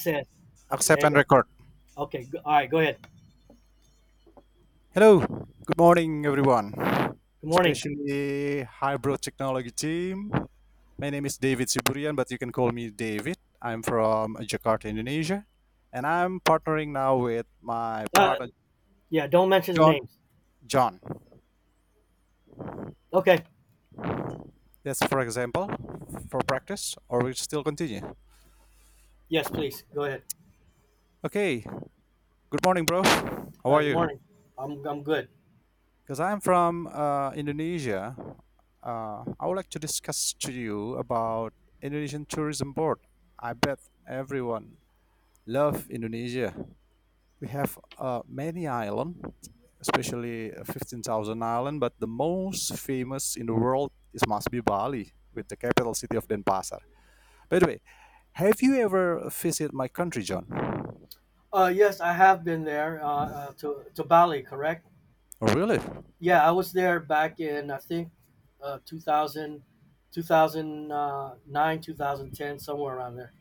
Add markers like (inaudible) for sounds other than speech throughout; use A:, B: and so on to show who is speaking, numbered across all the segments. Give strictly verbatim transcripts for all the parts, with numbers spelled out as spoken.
A: Says. Okay, there
B: Accept
A: you
B: and
A: go.
B: record.
A: Okay, go, all right, go ahead.
B: Hello, good morning, everyone,
A: Good morning.
B: especially Hybrid Technology team. My name is David Siburian, but you can call me David. I'm from Jakarta, Indonesia, and I'm partnering now with my
A: Uh,
B: partner
A: yeah, don't mention the
B: John.
A: names.
B: John,
A: Okay.
B: that's for example, for practice, or we still continue.
A: Yes, please. Go ahead.
B: Okay, good morning, bro. How
A: Uh,
B: are
A: good
B: you?
A: morning. I'm, I'm good.
B: Because I'm from uh, Indonesia, uh, I would like to discuss to you about Indonesian Tourism Board. I bet everyone love Indonesia. We have uh, many islands, especially uh, fifteen thousand island, but the most famous in the world is must be Bali, with the capital city of Denpasar. By the way, have you ever visited my country, John?
A: Uh, yes, I have been there uh, uh, to, to Bali, correct?
B: Oh, really?
A: Yeah, I was there back in, I think, uh, two thousand, two thousand nine, two thousand ten, somewhere around there.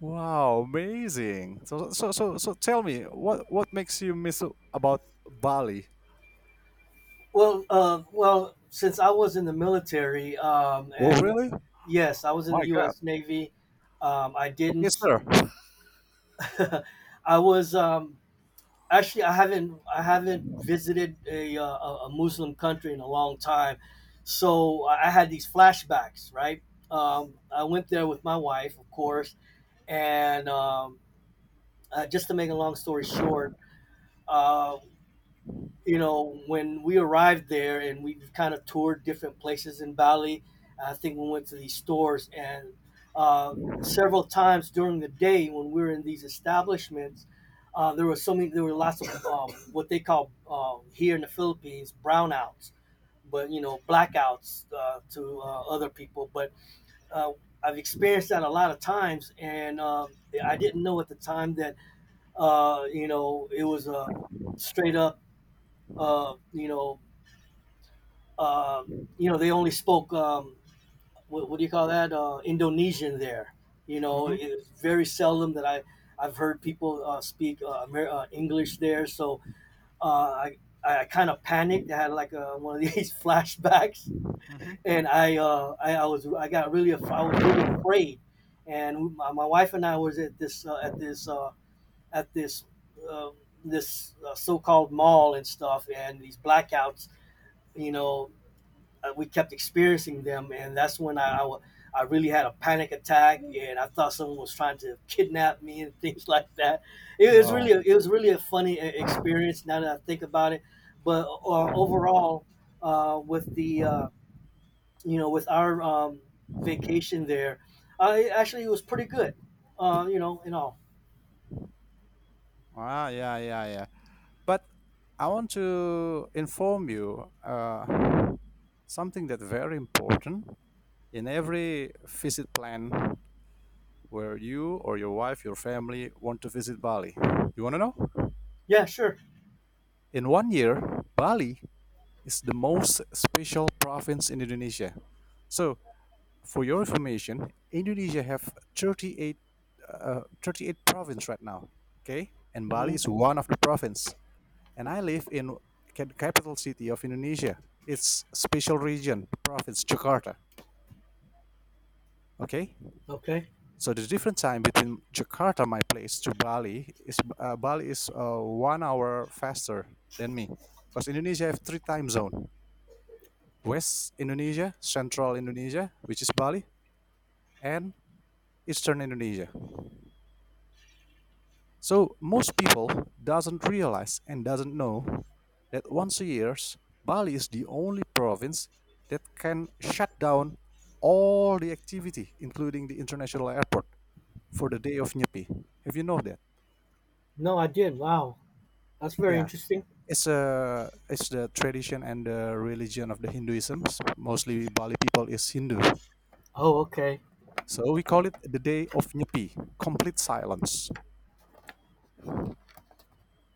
B: Wow, amazing. So so so so tell me, what what makes you miss about Bali?
A: Well, uh, well, since I was in the military, um,
B: Oh,
A: and
B: really?
A: yes, I was in
B: My
A: the
B: God.
A: U S. Navy. Um, I
B: Okay,
A: didn't.
B: sir.
A: (laughs) I was um, actually, I haven't I haven't visited a uh, a a Muslim country in a long time, so I I had these flashbacks. Right, um, I went there with my wife, of course, and um, uh, just to make a long story short, uh, you know, when we arrived there and we kind of toured different places in Bali, I think we went to these stores and uh, several times during the day when we were in these establishments, uh, there were so many, there were lots of uh, what they call uh, here in the Philippines brownouts, but you know, blackouts uh, to uh, other people. But uh, I've experienced that a lot of times, and uh, I didn't know at the time that uh, you know it was a straight up uh, you know um, you know, they only spoke um, what, what do you call that uh, Indonesian there. You know,
B: Mhm,
A: it's very seldom that I I've heard people uh, speak uh, Amer- uh, English there. So uh, I I kind of panicked. I had like uh one of these (laughs) flashbacks,
B: mhm.
A: and I uh, I, I was I got really af- I was really afraid. And my, my wife and I was at this uh, at this uh, at this uh, this uh, so-called mall and stuff, and these blackouts. You know, uh, we kept experiencing them, and that's when I, I, I really had a panic attack, and I thought someone was trying to kidnap me and (laughs) things like that. It was really
B: Wow.
A: it was really a funny e- experience now that I think about it. But uh, overall, uh, with the uh, you know with our um, vacation there, I actually it was pretty good. Uh, you know, in all.
B: Ah, yeah, yeah, yeah. But I want to inform you uh, something that's very important in every visit plan where you or your wife, your family want to visit Bali. You want to know?
A: Yeah, sure.
B: In one year, Bali is the most special province in Indonesia. So, for your information, Indonesia have thirty-eight, uh, thirty-eight province right now. Okay, and
A: Hmm.
B: Bali is one of the province. And I live in ca- capital city of Indonesia. It's special region province Jakarta. Okay,
A: Okay.
B: so the different time between Jakarta, my place, to Bali is uh, Bali is uh, one hour faster than me, because Indonesia have three time zone: West Indonesia, Central Indonesia, which is Bali, and Eastern Indonesia. So most people doesn't realize and doesn't know that once a year, Bali is the only province that can shut down all the activity, including the international airport, for the day of Nyepi. Have you know that?
A: No, I did. Wow, that's very
B: Yeah,
A: interesting.
B: it's a it's the tradition and the religion of the Hinduism. Mostly Bali people is Hindu,
A: Oh, okay.
B: so we call it the day of Nyepi, complete silence.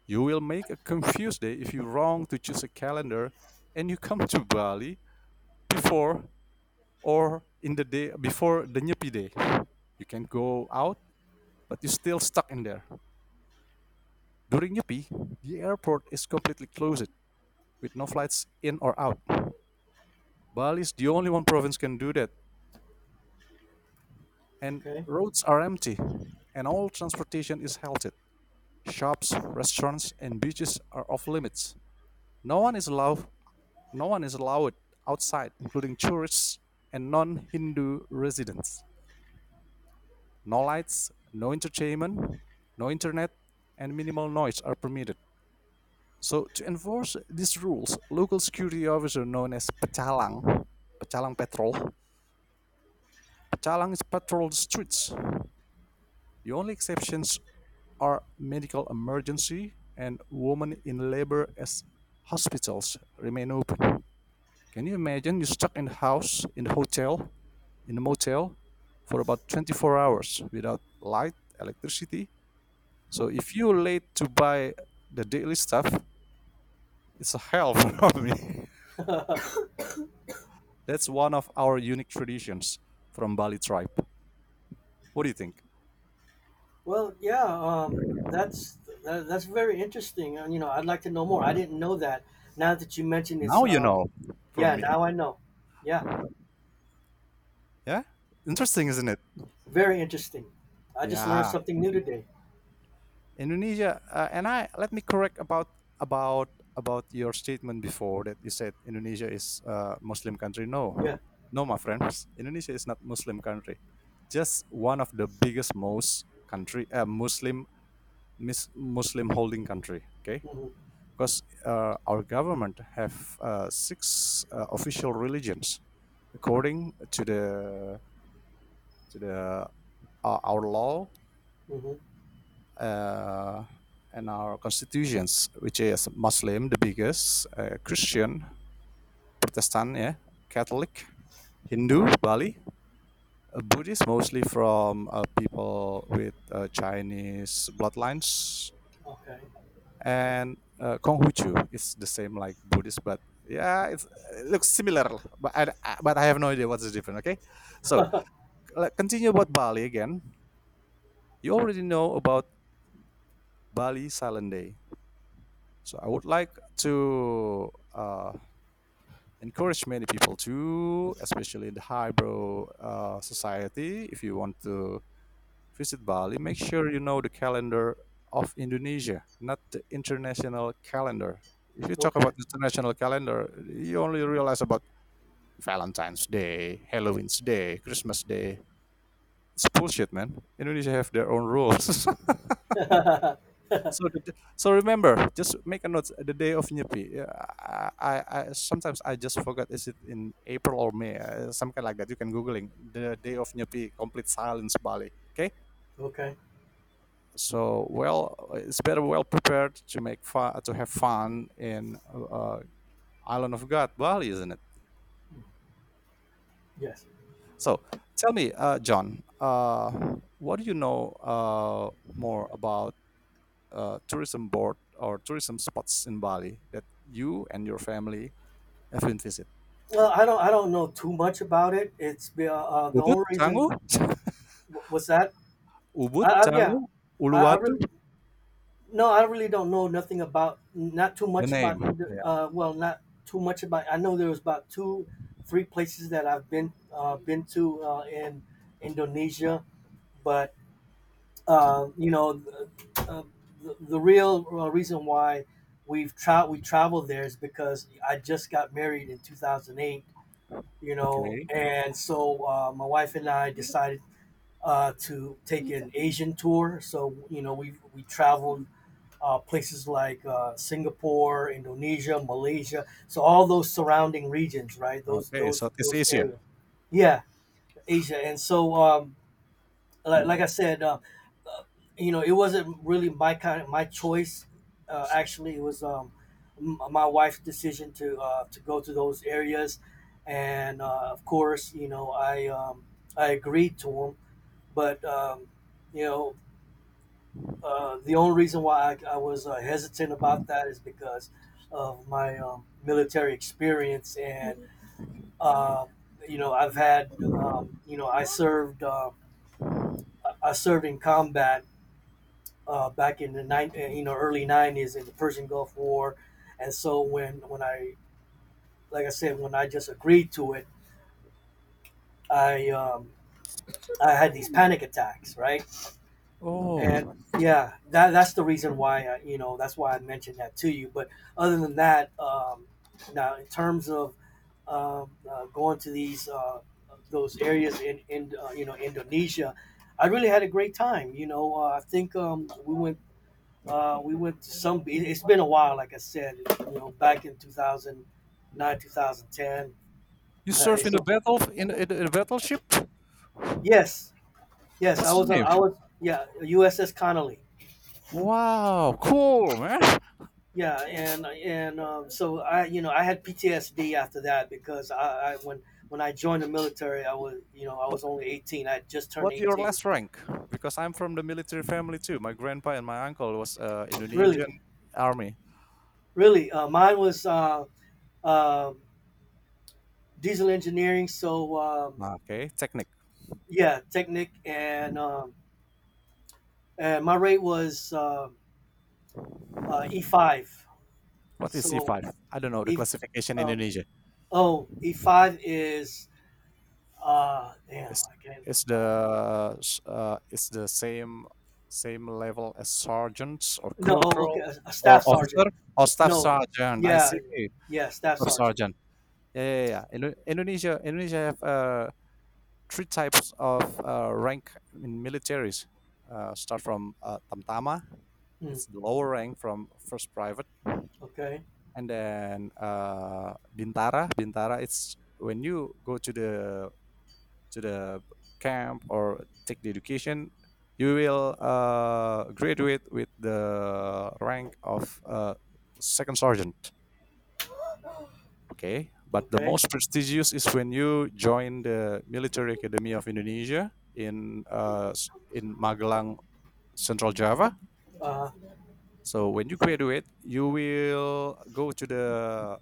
B: You will make a confused day if you wrong to choose a calendar and you come to Bali before or in the day before the Nyepi day. You can go out, but you're still stuck in there. During Nyepi, the airport is completely closed with no flights in or out. Bali is the only one province can do that, and
A: Okay.
B: roads are empty, and all transportation is halted. Shops, restaurants, and beaches are off limits. No one is allowed. No one is allowed outside, including tourists and non-Hindu residents. No lights, no entertainment, no internet, and minimal noise are permitted. So to enforce these rules, local security officer known as Pecalang, Pecalang Patrol, Pecalang is patrol the streets. The only exceptions are medical emergency and women in labor as hospitals remain open. Can you imagine you're stuck in the house, in the hotel, in the motel for about twenty-four hours without light, electricity. So if you're late to buy the daily stuff, it's a hell for me.
A: (laughs)
B: (laughs) That's one of our unique traditions from Bali tribe. What do you think?
A: Well, yeah, um, that's that, that's very interesting. And, you know, I'd like to know more. I didn't know that. Now that you mentioned it's,
B: Now you
A: um,
B: know from
A: Yeah,
B: me.
A: now I know. Yeah,
B: Yeah? Interesting, isn't it?
A: very interesting. I just learned
B: Yeah.
A: something new today.
B: Indonesia uh, and I let me correct about about about your statement before that you said Indonesia is a Muslim country. No.
A: Yeah.
B: No, my friends. Indonesia is not Muslim country. Just one of the biggest most country uh, Muslim mis- Muslim holding country. Okay,
A: Hmm.
B: because uh, our government have uh, six uh, official religions according to the to the uh, our law
A: Hmm.
B: uh, and our constitutions, which is Muslim the biggest, uh, Christian, Protestant, yeah, Catholic, Hindu, Bali, uh, Buddhist mostly from uh, people with uh, Chinese bloodlines
A: Okay.
B: and uh, Konghucu is the same like Buddhist, but yeah, it's, it looks similar. But I, but I have no idea what's the difference. Okay, so
A: (laughs)
B: like, continue about Bali again. You already know about Bali Silent Day, so I would like to uh, encourage many people to, especially in the highbrow uh, society, if you want to visit Bali, make sure you know the calendar of Indonesia, not the international calendar. If you talk
A: Okay.
B: about international calendar, you only realize about Valentine's Day, Halloween's Day, Christmas Day. It's bullshit, man. Indonesia have their own rules. (laughs) so,
A: (laughs)
B: the, so remember, just make a note. The day of Nyepi. Yeah, I, I, I sometimes I just forgot. Is it in April or May? Uh, Some kind like that. You can googling the day of Nyepi. Complete silence, Bali. Okay.
A: Okay.
B: So, well, it's better well prepared to make fun to have fun in uh, island of God Bali, isn't it?
A: Yes.
B: So, tell me, uh, John, uh, what do you know uh, more about uh, tourism board or tourism spots in Bali that you and your family have been visit?
A: Well, I don't. I don't know too much about it. It's be- uh, uh, the
B: Ubud,
A: only
B: Canggu.
A: reason. wh- What's that?
B: (laughs)
A: I,
B: Ubud,
A: I, yeah.
B: Canggu,
A: I, I
B: Uluwatu.
A: really. No, I really don't know nothing about, not too
B: The
A: much
B: name,
A: about, Indo-
B: yeah.
A: uh, well, not too much about. I know there was about two, three places that I've been uh, been to uh, in Indonesia, but uh, you know, the, uh, the, the real uh, reason why we've tra- we traveled there is because I just got married in two thousand eight, you know,
B: Okay.
A: and so uh, my wife and I decided uh, to take an Asian tour. So you know, we we traveled uh, places like uh, Singapore, Indonesia, Malaysia. So all those surrounding regions, right? Those
B: Okay.
A: those
B: Southeast
A: those
B: Asia.
A: areas. Yeah, Asia. And so, um, like, like I said, uh, you know, it wasn't really my kind of my choice. Uh, actually, it was um, m- my wife's decision to uh, to go to those areas, and uh, of course, you know, I um, I agreed to them, but um, you know, Uh, the only reason why I, I was uh, hesitant about that is because of my um, military experience, and uh, you know, I've had, um, you know, I served, uh, I served in combat uh, back in the nine, uh, you know, early nineties in the Persian Gulf War, and so when when I, like I said, when I just agreed to it, I um, I had these panic attacks, right? And
B: Oh,
A: yeah, that that's the reason why I, you know that's why I mentioned that to you. But other than that, um, now in terms of um, uh, going to these uh, those areas in in uh, you know Indonesia, I really had a great time. You know, uh, I think um, we went uh, we went to some. it- It's been a while, like I said, you know, back in two thousand nine, two thousand ten.
B: you
A: Uh,
B: serve in the
A: so
B: battle in in the battleship?
A: yes, yes, I
B: What's the
A: was on.
B: name?
A: I was yeah, U S S Connolly.
B: Wow, cool, man.
A: Yeah, and and um, so I, you know, I had P T S D after that because I, I when when I joined the military, I was, you know, I was
B: What
A: only eighteen. I had just turned
B: what your
A: eighteen.
B: last rank? Because I'm from the military family too. My grandpa and my uncle was uh,
A: Really,
B: Indonesian army.
A: really, uh, mine was uh, uh, diesel engineering. So um,
B: Ah, okay, technic.
A: yeah, technic, and um, and my rate was uh, uh, E five.
B: What is
A: So
B: C five? I don't know the
A: E,
B: classification in
A: um,
B: Indonesia.
A: oh E five is uh, damn,
B: It's
A: I can't.
B: it's
A: Uh,
B: the s- uh, it's the same same level as sergeant or
A: no, oh, okay,
B: corporal
A: a, a
B: or
A: staff sergeant.
B: officer or staff
A: No.
B: sergeant. I
A: Yeah.
B: see.
A: Yes, staff
B: Staff
A: sergeant.
B: sergeant. Yeah, yeah, yeah. Indo- Indonesia Indonesia have uh, three types of uh, rank in militaries. Uh, start from uh, tamtama,
A: Mm,
B: it's the lower rank from first private,
A: okay.
B: and then uh, bintara. Bintara, it's when you go to the to the camp or take the education, you will uh, graduate with the rank of uh, second sergeant. Okay, but the
A: Okay.
B: most prestigious is when you join the Military Academy of Indonesia in uh, in Magelang, Central Java.
A: Uh,
B: So when you graduate, you will go to the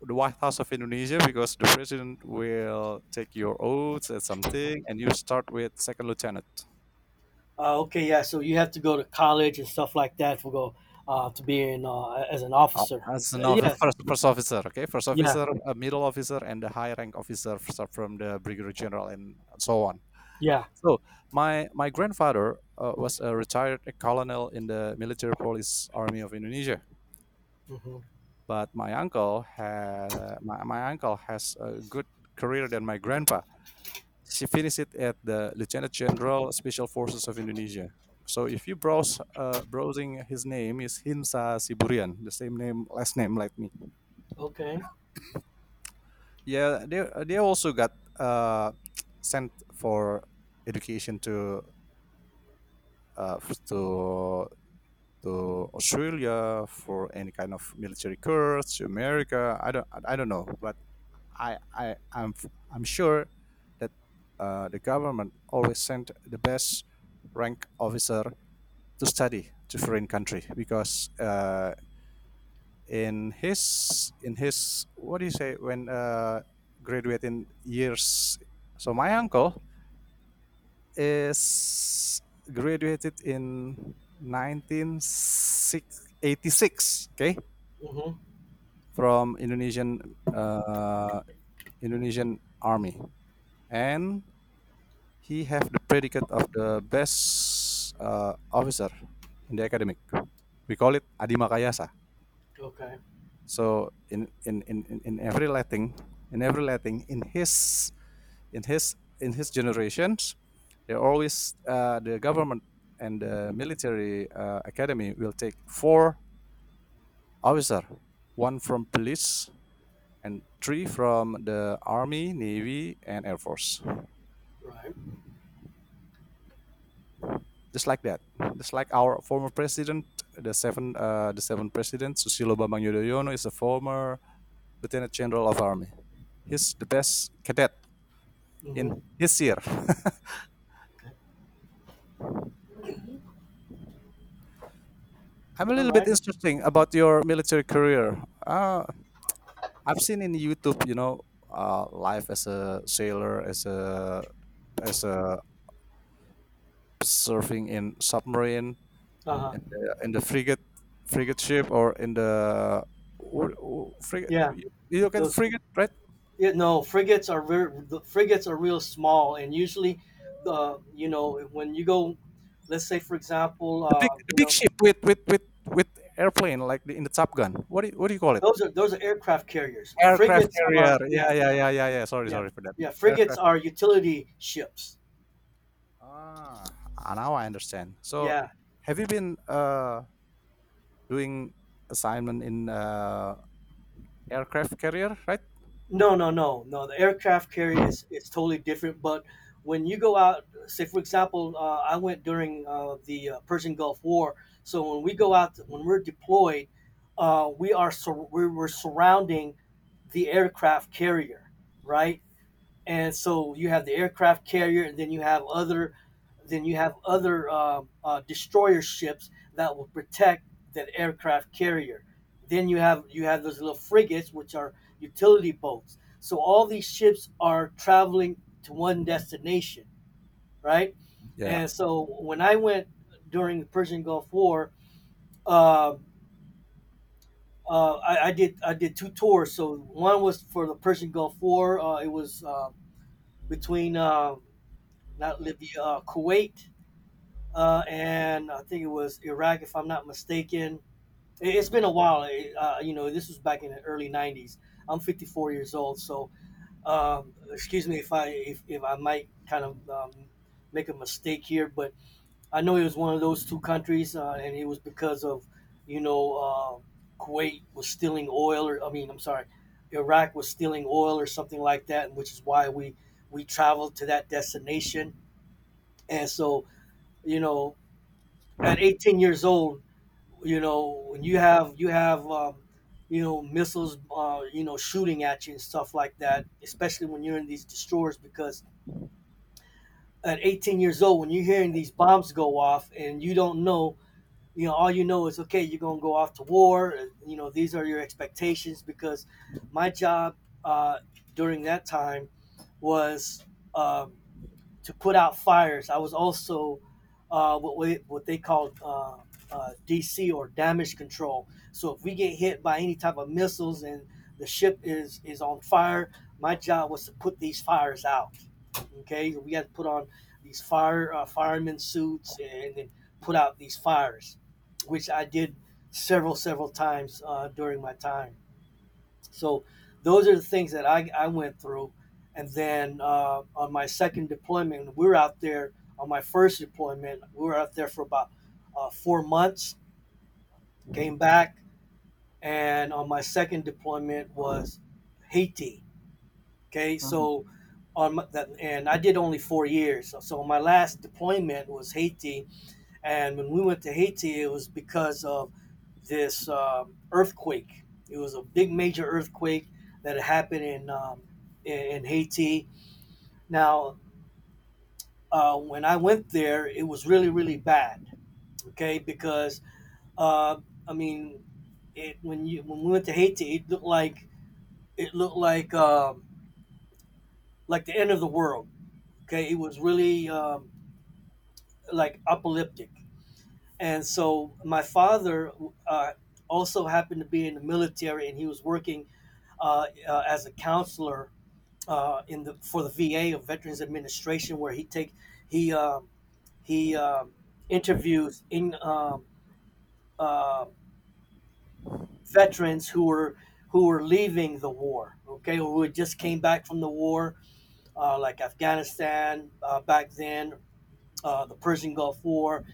B: the White House of Indonesia because the president will take your oaths and something, and you start with second lieutenant.
A: uh, okay. Yeah. So you have to go to college and stuff like that to go uh, to be in uh, as an
B: Uh,
A: officer.
B: as
A: Uh,
B: an officer,
A: Yeah.
B: first, first officer, okay, first
A: Yeah.
B: officer, a middle officer, and a high rank officer f- from the brigadier general, and so on.
A: Yeah.
B: So my my grandfather uh, was a retired colonel in the military police army of Indonesia,
A: Hmm.
B: but my uncle ha- my, my uncle has a good career than my grandpa. She finished it at the lieutenant general special forces of Indonesia. So if you browse uh, browsing his name is Hinsa Siburian, the same name last name like me.
A: Okay.
B: Yeah, they they also got uh (tsk) sent for education to uh f- to to Australia for any kind of military course to America. I don't I don't know, but I I I'm f- I'm sure that uh, the government always sent the best rank officer to study to foreign country because uh, in his in his what do you say when uh, graduating years. So my uncle is graduated in nineteen eighty-six. Okay,
A: Hmm.
B: from Indonesian uh, Indonesian army, and he have the predicate of the best uh, officer in the academic. We call it Adimakayasa.
A: Okay.
B: So in in, in, in every letting, in every letting, in his in his in his generations, they always uh, the government and the military uh, academy will take four officer, one from police and three from the army, navy, and air force.
A: Right.
B: Just like that, just like our former president, the seven uh, the seven president Susilo Bambang Yudhoyono is a former lieutenant general of army. He's the best cadet
A: Hmm.
B: in his year. (laughs)
A: Okay.
B: I'm a
A: All
B: little bit
A: right.
B: interesting about your military career. Uh, I've seen in YouTube, you know, uh, life as a sailor, as a as a surfing in submarine,
A: Uh huh.
B: in the, in the frigate frigate ship, or in the or- or frigate.
A: Yeah.
B: You, you look at
A: Those.
B: frigate, right?
A: Yeah, no, frigates are very, the frigates are real small, and usually, the you know when you go, let's say for example,
B: The
A: uh,
B: big the
A: you
B: big
A: know,
B: ship with with with with airplane like the, in the Top Gun. What do you, what do you call it?
A: those are those are aircraft carriers.
B: Aircraft
A: Frigates
B: carrier.
A: are yeah
B: Yeah, yeah, yeah, yeah, yeah. Sorry,
A: yeah
B: sorry for that.
A: yeah. Frigates
B: Aircraft.
A: are utility ships.
B: Ah, ah, now I understand. So,
A: Yeah.
B: have you been uh, doing assignment in uh, aircraft carrier, right?
A: No no no no. The aircraft carrier is it's totally different. But when you go out, say for example, uh, I went during uh, the uh, Persian Gulf War. So when we go out, when we're deployed, uh, we are sur- we we're surrounding the aircraft carrier, right? And so you have the aircraft carrier, and then you have other, then you have other um uh, destroyer ships that will protect that aircraft carrier. Then you have you have those little frigates, which are utility boats. So all these ships are traveling to one destination, right?
B: Yeah.
A: And so when I went during the Persian Gulf War, um uh, I, I did I did two tours. So one was for the Persian Gulf War. Uh, it was uh, between uh, not Libya, uh, Kuwait, uh, and I think it was Iraq, if I'm not mistaken. It, has been a while. It, uh, you know, this was back in the early nineties. I'm fifty-four years old, so um, excuse me if I if, if I might kind of um, make a mistake here, but I know it was one of those two countries, uh, and it was because of you know uh, Kuwait was stealing oil, or I mean, I'm sorry, Iraq was stealing oil or something like that, which is why we we traveled to that destination, and so you know at eighteen years old you know when you have you have um, you know missiles uh, you know shooting at you and stuff like that, especially when you're in these destroyers because at eighteen years old when you're hearing these bombs go off and you don't know you know all you know is okay you're going to go off to war, and you know these are your expectations because my job uh, during that time was uh, to put out fires. I was also uh, what we, what they called uh, uh, D C or damage control. So if we get hit by any type of missiles and the ship is is on fire, my job was to put these fires out. Okay, we had to put on these fire uh, fireman suits and then put out these fires, which I did several several times uh, during my time. So those are the things that I, I went through. And then uh, on my second deployment, we were out there on my first deployment, we were out there for about uh, four months, came back. And on my second deployment was Haiti. Okay. So
B: Mm.
A: on my, that, and I did only four years. So my last deployment was Haiti, and when we went to Haiti, it was because of this um earthquake. It was a big major earthquake that happened in um, in, in Haiti. Now, uh, when I went there, it was really really bad. Okay, because uh, I mean, it, when you when we went to Haiti, it looked like it looked like um, like the end of the world. Okay, it was really um, like apocalyptic. And so my father uh, also happened to be in the military, and he was working uh, uh, as a counselor uh, in the for the V A of Veterans Administration, where he take he um he um interviews in um uh, veterans who were who were leaving the war, okay, who had just came back from the war, uh, like Afghanistan uh, back then, uh, the Persian Gulf War.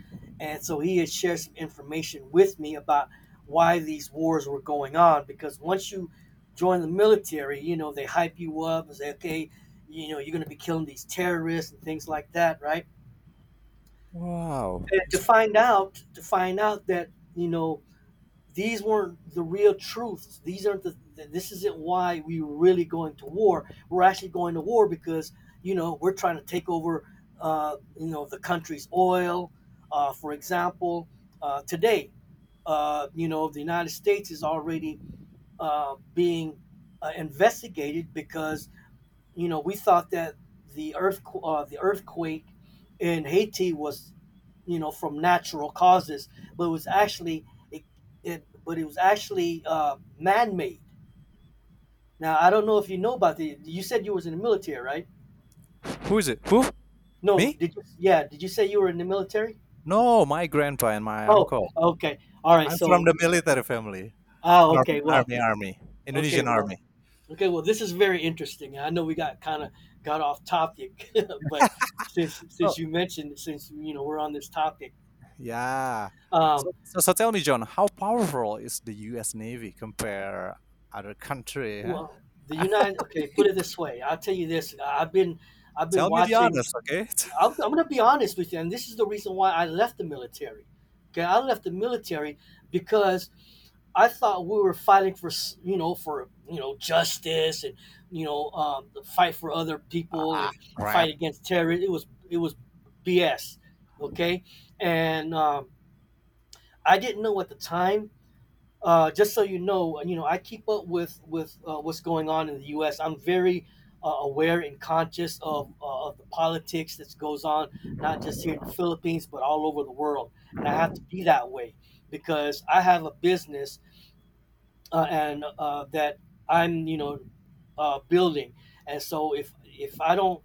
A: And so he had shared some information with me about why these wars were going on. Because once you join the military, you know, they hype you up and say, okay, you know, you're going to be killing these terrorists and things like that, right?
B: Wow.
A: And to
B: S-
A: find out, to find out that, you know, these weren't the real truths. These aren't the. This isn't why we were really going to war. We're actually going to war because you know we're trying to take over, uh, you know, the country's oil. Uh, for example, uh, today, uh, you know, the United States is already uh, being uh, investigated because you know we thought that the earth uh, the earthquake in Haiti was, you know, from natural causes, but it was actually it, it but it was actually uh, man-made. Now I don't know if you know about the. You said you was in the military, right?
B: Who is it? Who?
A: No,
B: Me?
A: did you? Yeah, did you say you were in the military?
B: No, my grandpa and my
A: Oh,
B: uncle.
A: okay, all right.
B: I'm from
A: So,
B: the military family.
A: ah,
B: Army,
A: okay, well,
B: army, army.
A: okay,
B: Indonesian
A: well,
B: army.
A: okay, well, this is very interesting. I know we got kind of got off topic, (laughs) but since since
B: So,
A: you mentioned since you know we're on this topic,
B: yeah.
A: um,
B: So, so, so tell me, John, how powerful is the U S. Navy compare other country? Huh?
A: well, the
B: (laughs)
A: United. Okay, put it this way. I'll tell you this. I've been I've been
B: Tell me the
A: watching
B: honest, okay?
A: I'm, I'm going to be honest with you, and this is the reason why I left the military. Okay, I left the military because I thought we were fighting for, you know for you know justice, and you know um, the fight for other
B: (laughs)
A: people,
B: Ah,
A: and
B: crap.
A: fight against terror. It was it was B S. Okay, and um, I didn't know at the time. Uh, just so you know, uh, you know, I keep up with with uh, what's going on in the U S. I'm very uh, aware and conscious of uh, of the politics that goes on, not just here in the Philippines, but all over the world. And I have to be that way because I have a business, uh, and uh, that I'm, you know, uh, building. And so if if I don't,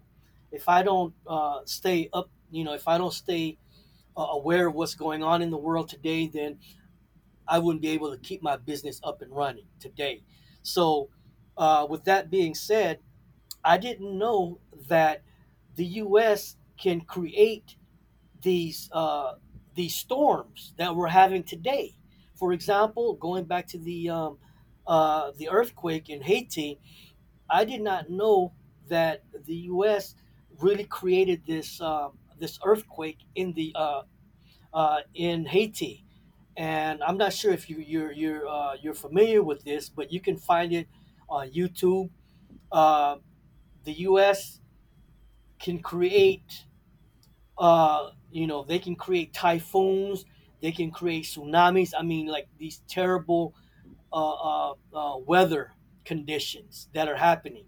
A: if I don't uh, stay up, you know, if I don't stay uh, aware of what's going on in the world today, then I wouldn't be able to keep my business up and running today. So, uh, with that being said, I didn't know that the U S can create these uh, these storms that we're having today. For example, going back to the um, uh, the earthquake in Haiti, I did not know that the U S really created this um, this earthquake in the uh, uh, in Haiti, and I'm not sure if you you're you're uh, you're familiar with this, but you can find it on YouTube. Uh, the U S can create, uh, you know, they can create typhoons, they can create tsunamis. I mean, like these terrible, uh, uh, uh, weather conditions that are happening.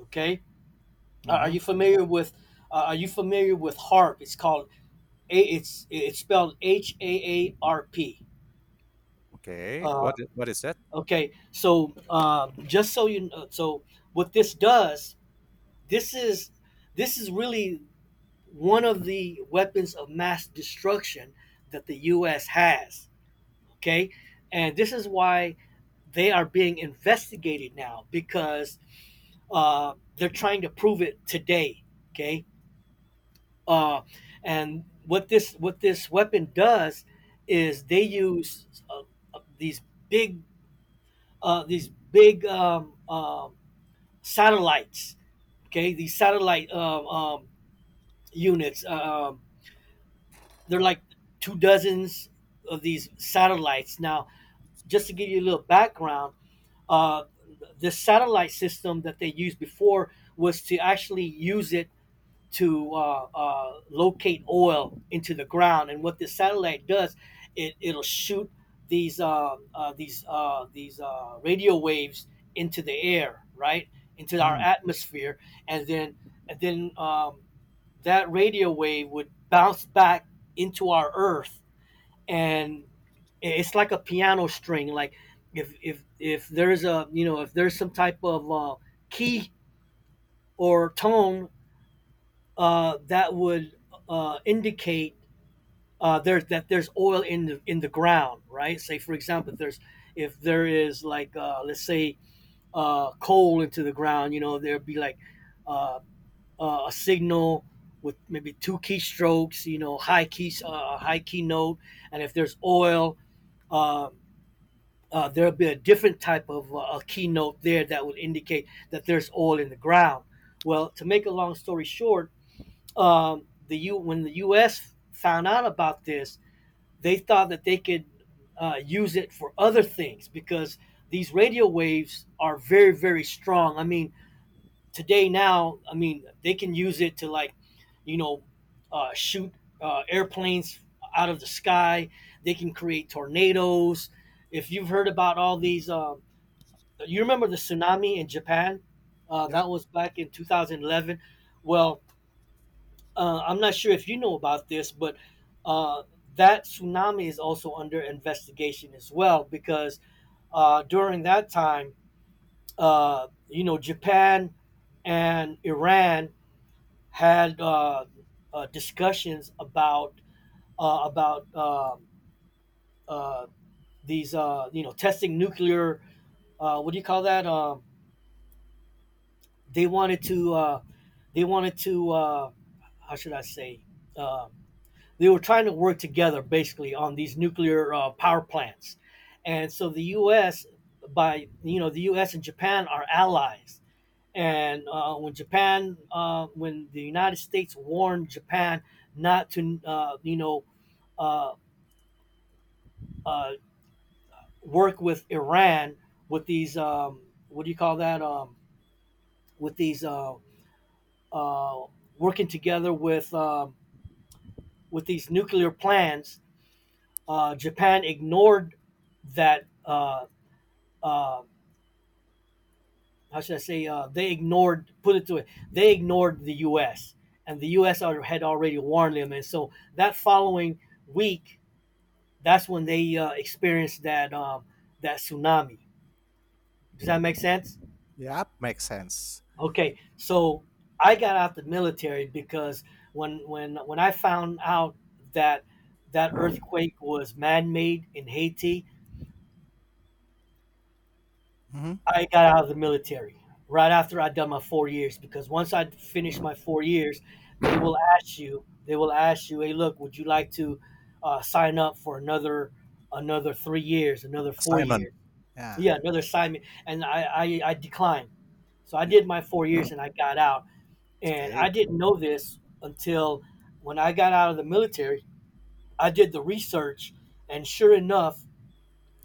A: Okay, are are
B: Hmm.
A: you familiar with? Uh, are you familiar with HARP? It's called. A, it's it's spelled H A A R P.
B: Okay.
A: Uh,
B: What i- What is that?
A: Okay, so um, just so you know, so what this does, this is this is really one of the weapons of mass destruction that the U S has. Okay, and this is why they are being investigated now because uh, they're trying to prove it today. Okay, uh, and what this what this weapon does is they use uh, uh, these big, uh, these big um, um, satellites. Okay, these satellite, um, um, units. Uh, um, they're like two dozens of these satellites. Now, just to give you a little background, uh, the satellite system that they used before was to actually use it to uh, uh, locate oil into the ground. And what this satellite does, it, it'll shoot these uh, uh, these uh, these uh, radio waves into the air, right, into our
B: Hmm.
A: atmosphere, and then and then um, that radio wave would bounce back into our Earth, and it's like a piano string. Like if if if there's a, you know if there's some type of uh, key or tone uh, that would uh, indicate, uh, there, that there's oil in the in the ground, right? Say, for example, if there's if there is, like, uh, let's say, uh, coal into the ground. You know, there'd be like, uh, uh, a signal with maybe two keystrokes, you know, high keys, a uh, high key note, and if there's oil. Uh, uh, There'll be a different type of uh, a key note there that would indicate that there's oil in the ground. Well, to make a long story short, um, the U when the U S found out about this, they thought that they could uh, use it for other things, because these radio waves are very, very strong. I mean, today, now, I mean, they can use it to, like, you know, uh, shoot uh, airplanes out of the sky. They can create tornadoes. If you've heard about all these, uh, you remember the tsunami in Japan? Uh,
B: Yep.
A: that was back in two thousand eleven. Well, uh, I'm not sure if you know about this, but uh, that tsunami is also under investigation as well, because uh, during that time, uh, you know, Japan and Iran had uh, uh, discussions about, uh, about um, uh, these, uh, you know, testing nuclear. Uh, what do you call that? Um, they wanted to. Uh, they wanted to. Uh, how should I say? Um they were trying to work together basically on these nuclear uh, power plants, and so the U S, by you know, the U S and Japan are allies, and uh, when Japan uh, when the United States warned Japan not to, uh, you know uh, uh, work with Iran, with these um, what do you call that? Um, with these uh, uh, working together with, um, with these nuclear plans. uh, Japan ignored that, uh, uh, how should I say? Uh, they ignored put it to it. They ignored the U S, and the U S had already warned them, and so that following week, that's when they uh, experienced that, um, that tsunami. Does that make sense?
B: Yep. Makes sense.
A: Okay, so I got out the military because when when when I found out that that earthquake was man-made in Haiti,
B: Hmm.
A: I got out of the military right after I done my four years, because once I finish my four years, they will ask you. They will ask you, "Hey, look, would you like to uh, sign up for another another three years, another four
B: Assignment.
A: years?
B: Yeah.
A: Yeah, another assignment." And I, I I declined. So I
B: You,
A: did my four years and I got out. And
B: okay.
A: I didn't know this until when I got out of the military. I did the research, and sure enough,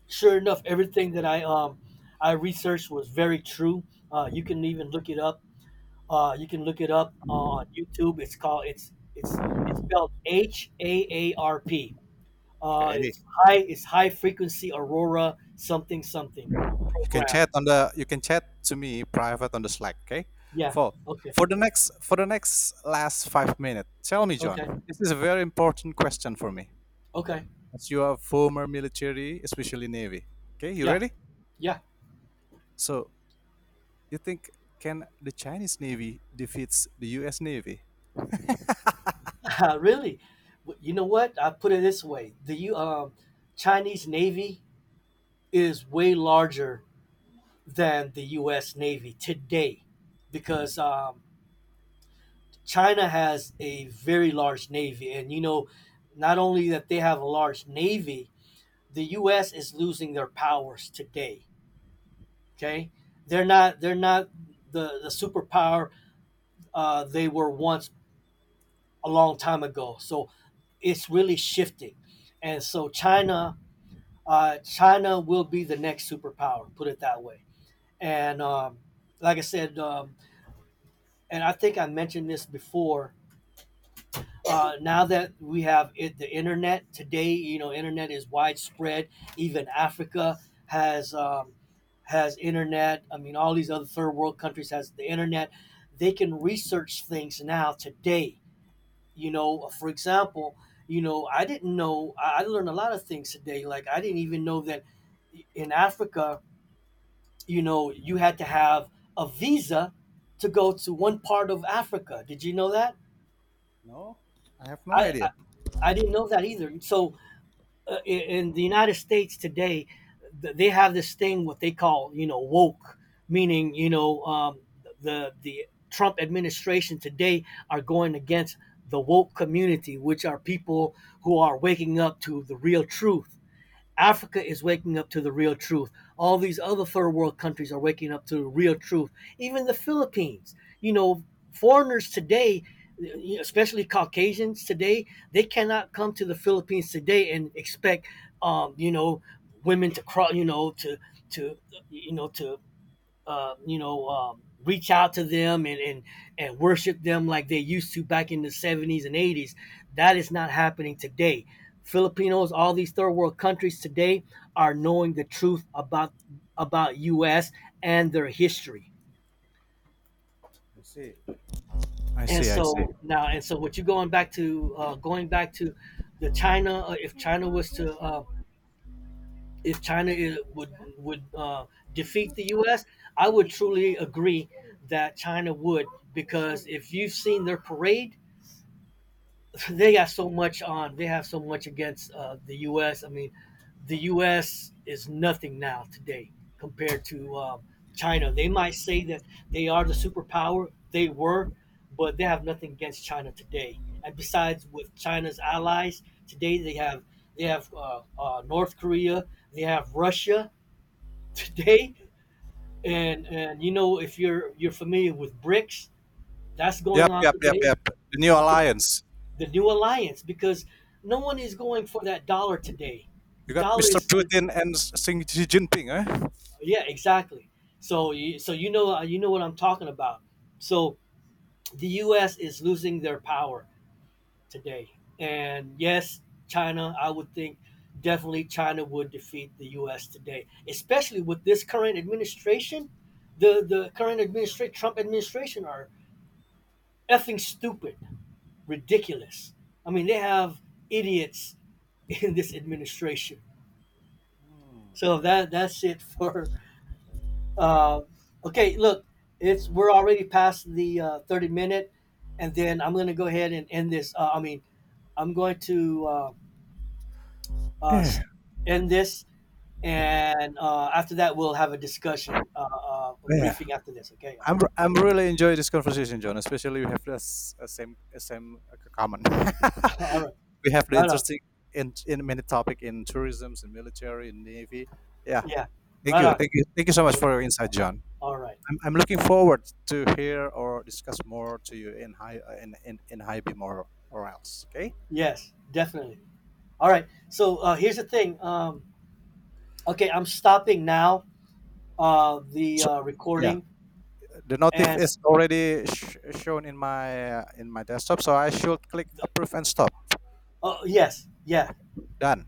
A: sure enough, everything that I um I researched was very true. Uh, you can even look it up. Uh, you can look it up uh, on YouTube. It's called it's it's it's spelled H A A R P. Uh,
B: Okay.
A: it's high it's high frequency aurora, something, something
B: You can
A: program.
B: chat on the. You can chat to me private on the Slack. Okay.
A: Yeah.
B: For
A: Okay.
B: for the next for the next last five minutes. Tell me,
A: Okay.
B: John. This is a very important question for me.
A: Okay.
B: As you are former military, especially Navy. Okay, you
A: Yeah.
B: ready?
A: Yeah.
B: So you think can the Chinese Navy defeats the U S. Navy?
A: (laughs) Really. W- You know what? I put it this way: the U- um, Chinese Navy is way larger than the U S. Navy today, because um, China has a very large navy, and, you know, not only that they have a large navy, the U S is losing their powers today. Okay, they're not they're not the the superpower uh, they were once a long time ago. So it's really shifting, and so China uh, China will be the next superpower. Put it that way. And, um, like I said, um, and I think I mentioned this before. Uh, now that we have it, the internet today, you know, internet is widespread. Even Africa has um, has internet. I mean, all these other third world countries has the internet. They can research things now today. You know, for example, you know, I didn't know. I I learned a lot of things today. Like, I didn't even know that in Africa, you know, you had to have a visa to go to one part of Africa. Did you know that?
B: No, I have no
A: I,
B: idea.
A: I I didn't know that either. So, uh, in, in the United States today, th- they have this thing what they call, you know, woke, meaning, you know um, the the Trump administration today are going against the woke community, which are people who are waking up to the real truth. Africa is waking up to the real truth. All these other third world countries are waking up to the real truth. Even the Philippines. You know, foreigners today, especially Caucasians today, they cannot come to the Philippines today and expect, um, you know, women to crawl, you know, to to you know to uh, you know, um, reach out to them, and, and and worship them like they used to back in the seventies and eighties. That is not happening today. Filipinos, all these third world countries today are knowing the truth about about U S and their history.
B: I see. I
A: And
B: see. I see.
A: so now, and so, what you're going back to, uh, going back to the China. Uh, if China was to, uh, if China is, would would uh, defeat the U S, I would truly agree that China would, because if you've seen their parade, (laughs) they
B: Mhm.
A: got so much on. They have so much against uh, the U S. I mean, the U S is nothing now today compared to, um, China. They might say that they are the superpower. They were, but they have nothing against China today. And besides, with China's allies today, they have they have uh, uh, North Korea, they have Russia today, and and you know, if you're you're familiar with BRICS that's going
B: Yep,
A: on
B: yep, yep,
A: today.
B: yep. The new
A: Okay,
B: alliance.
A: the new alliance, because no one is going for that dollar today.
B: You
A: The
B: got
A: dollar
B: Mister
A: is the...
B: Putin and Xi Jinping, eh?
A: Yeah, exactly. So you- so you know, uh, you know what I'm talking about. So the U S is losing their power today, and yes, China, I would think, definitely China would defeat the U S today, especially with this current administration. The the current administration, Trump administration, are effing stupid, ridiculous. I mean, they have idiots (laughs) in this administration.
B: Hmm.
A: So that that's it for. Uh, okay, look, it's we're already past the uh, thirty minute, and then I'm going to go ahead and end this. Uh, I mean, I'm going to uh, uh,
B: Yeah,
A: end this, and uh, after that we'll have a discussion, uh, uh, a
B: yeah.
A: briefing after this. Okay, all
B: I'm
A: right.
B: I'm really enjoy this conversation, John. Especially we have this uh, same uh, same uh, common.
A: (laughs) All right.
B: (laughs) We have the
A: Right on.
B: interesting in in many topic in tourism, in military, in navy. Yeah,
A: Yeah,
B: thank
A: right
B: you,
A: on.
B: thank you, thank you so much for your insight, John.
A: All right.
B: I'm, I'm looking forward to hear or discuss more to you in high uh, in in in high beam or or else. Okay.
A: Yes, definitely. All right. So, uh, here's the thing. Um, okay, I'm stopping now uh, the
B: So,
A: uh,
B: yeah,
A: recording.
B: the notif
A: As
B: is already sh- shown in my uh, in my desktop, so I should click approve and stop.
A: Oh yes, yeah,
B: Done.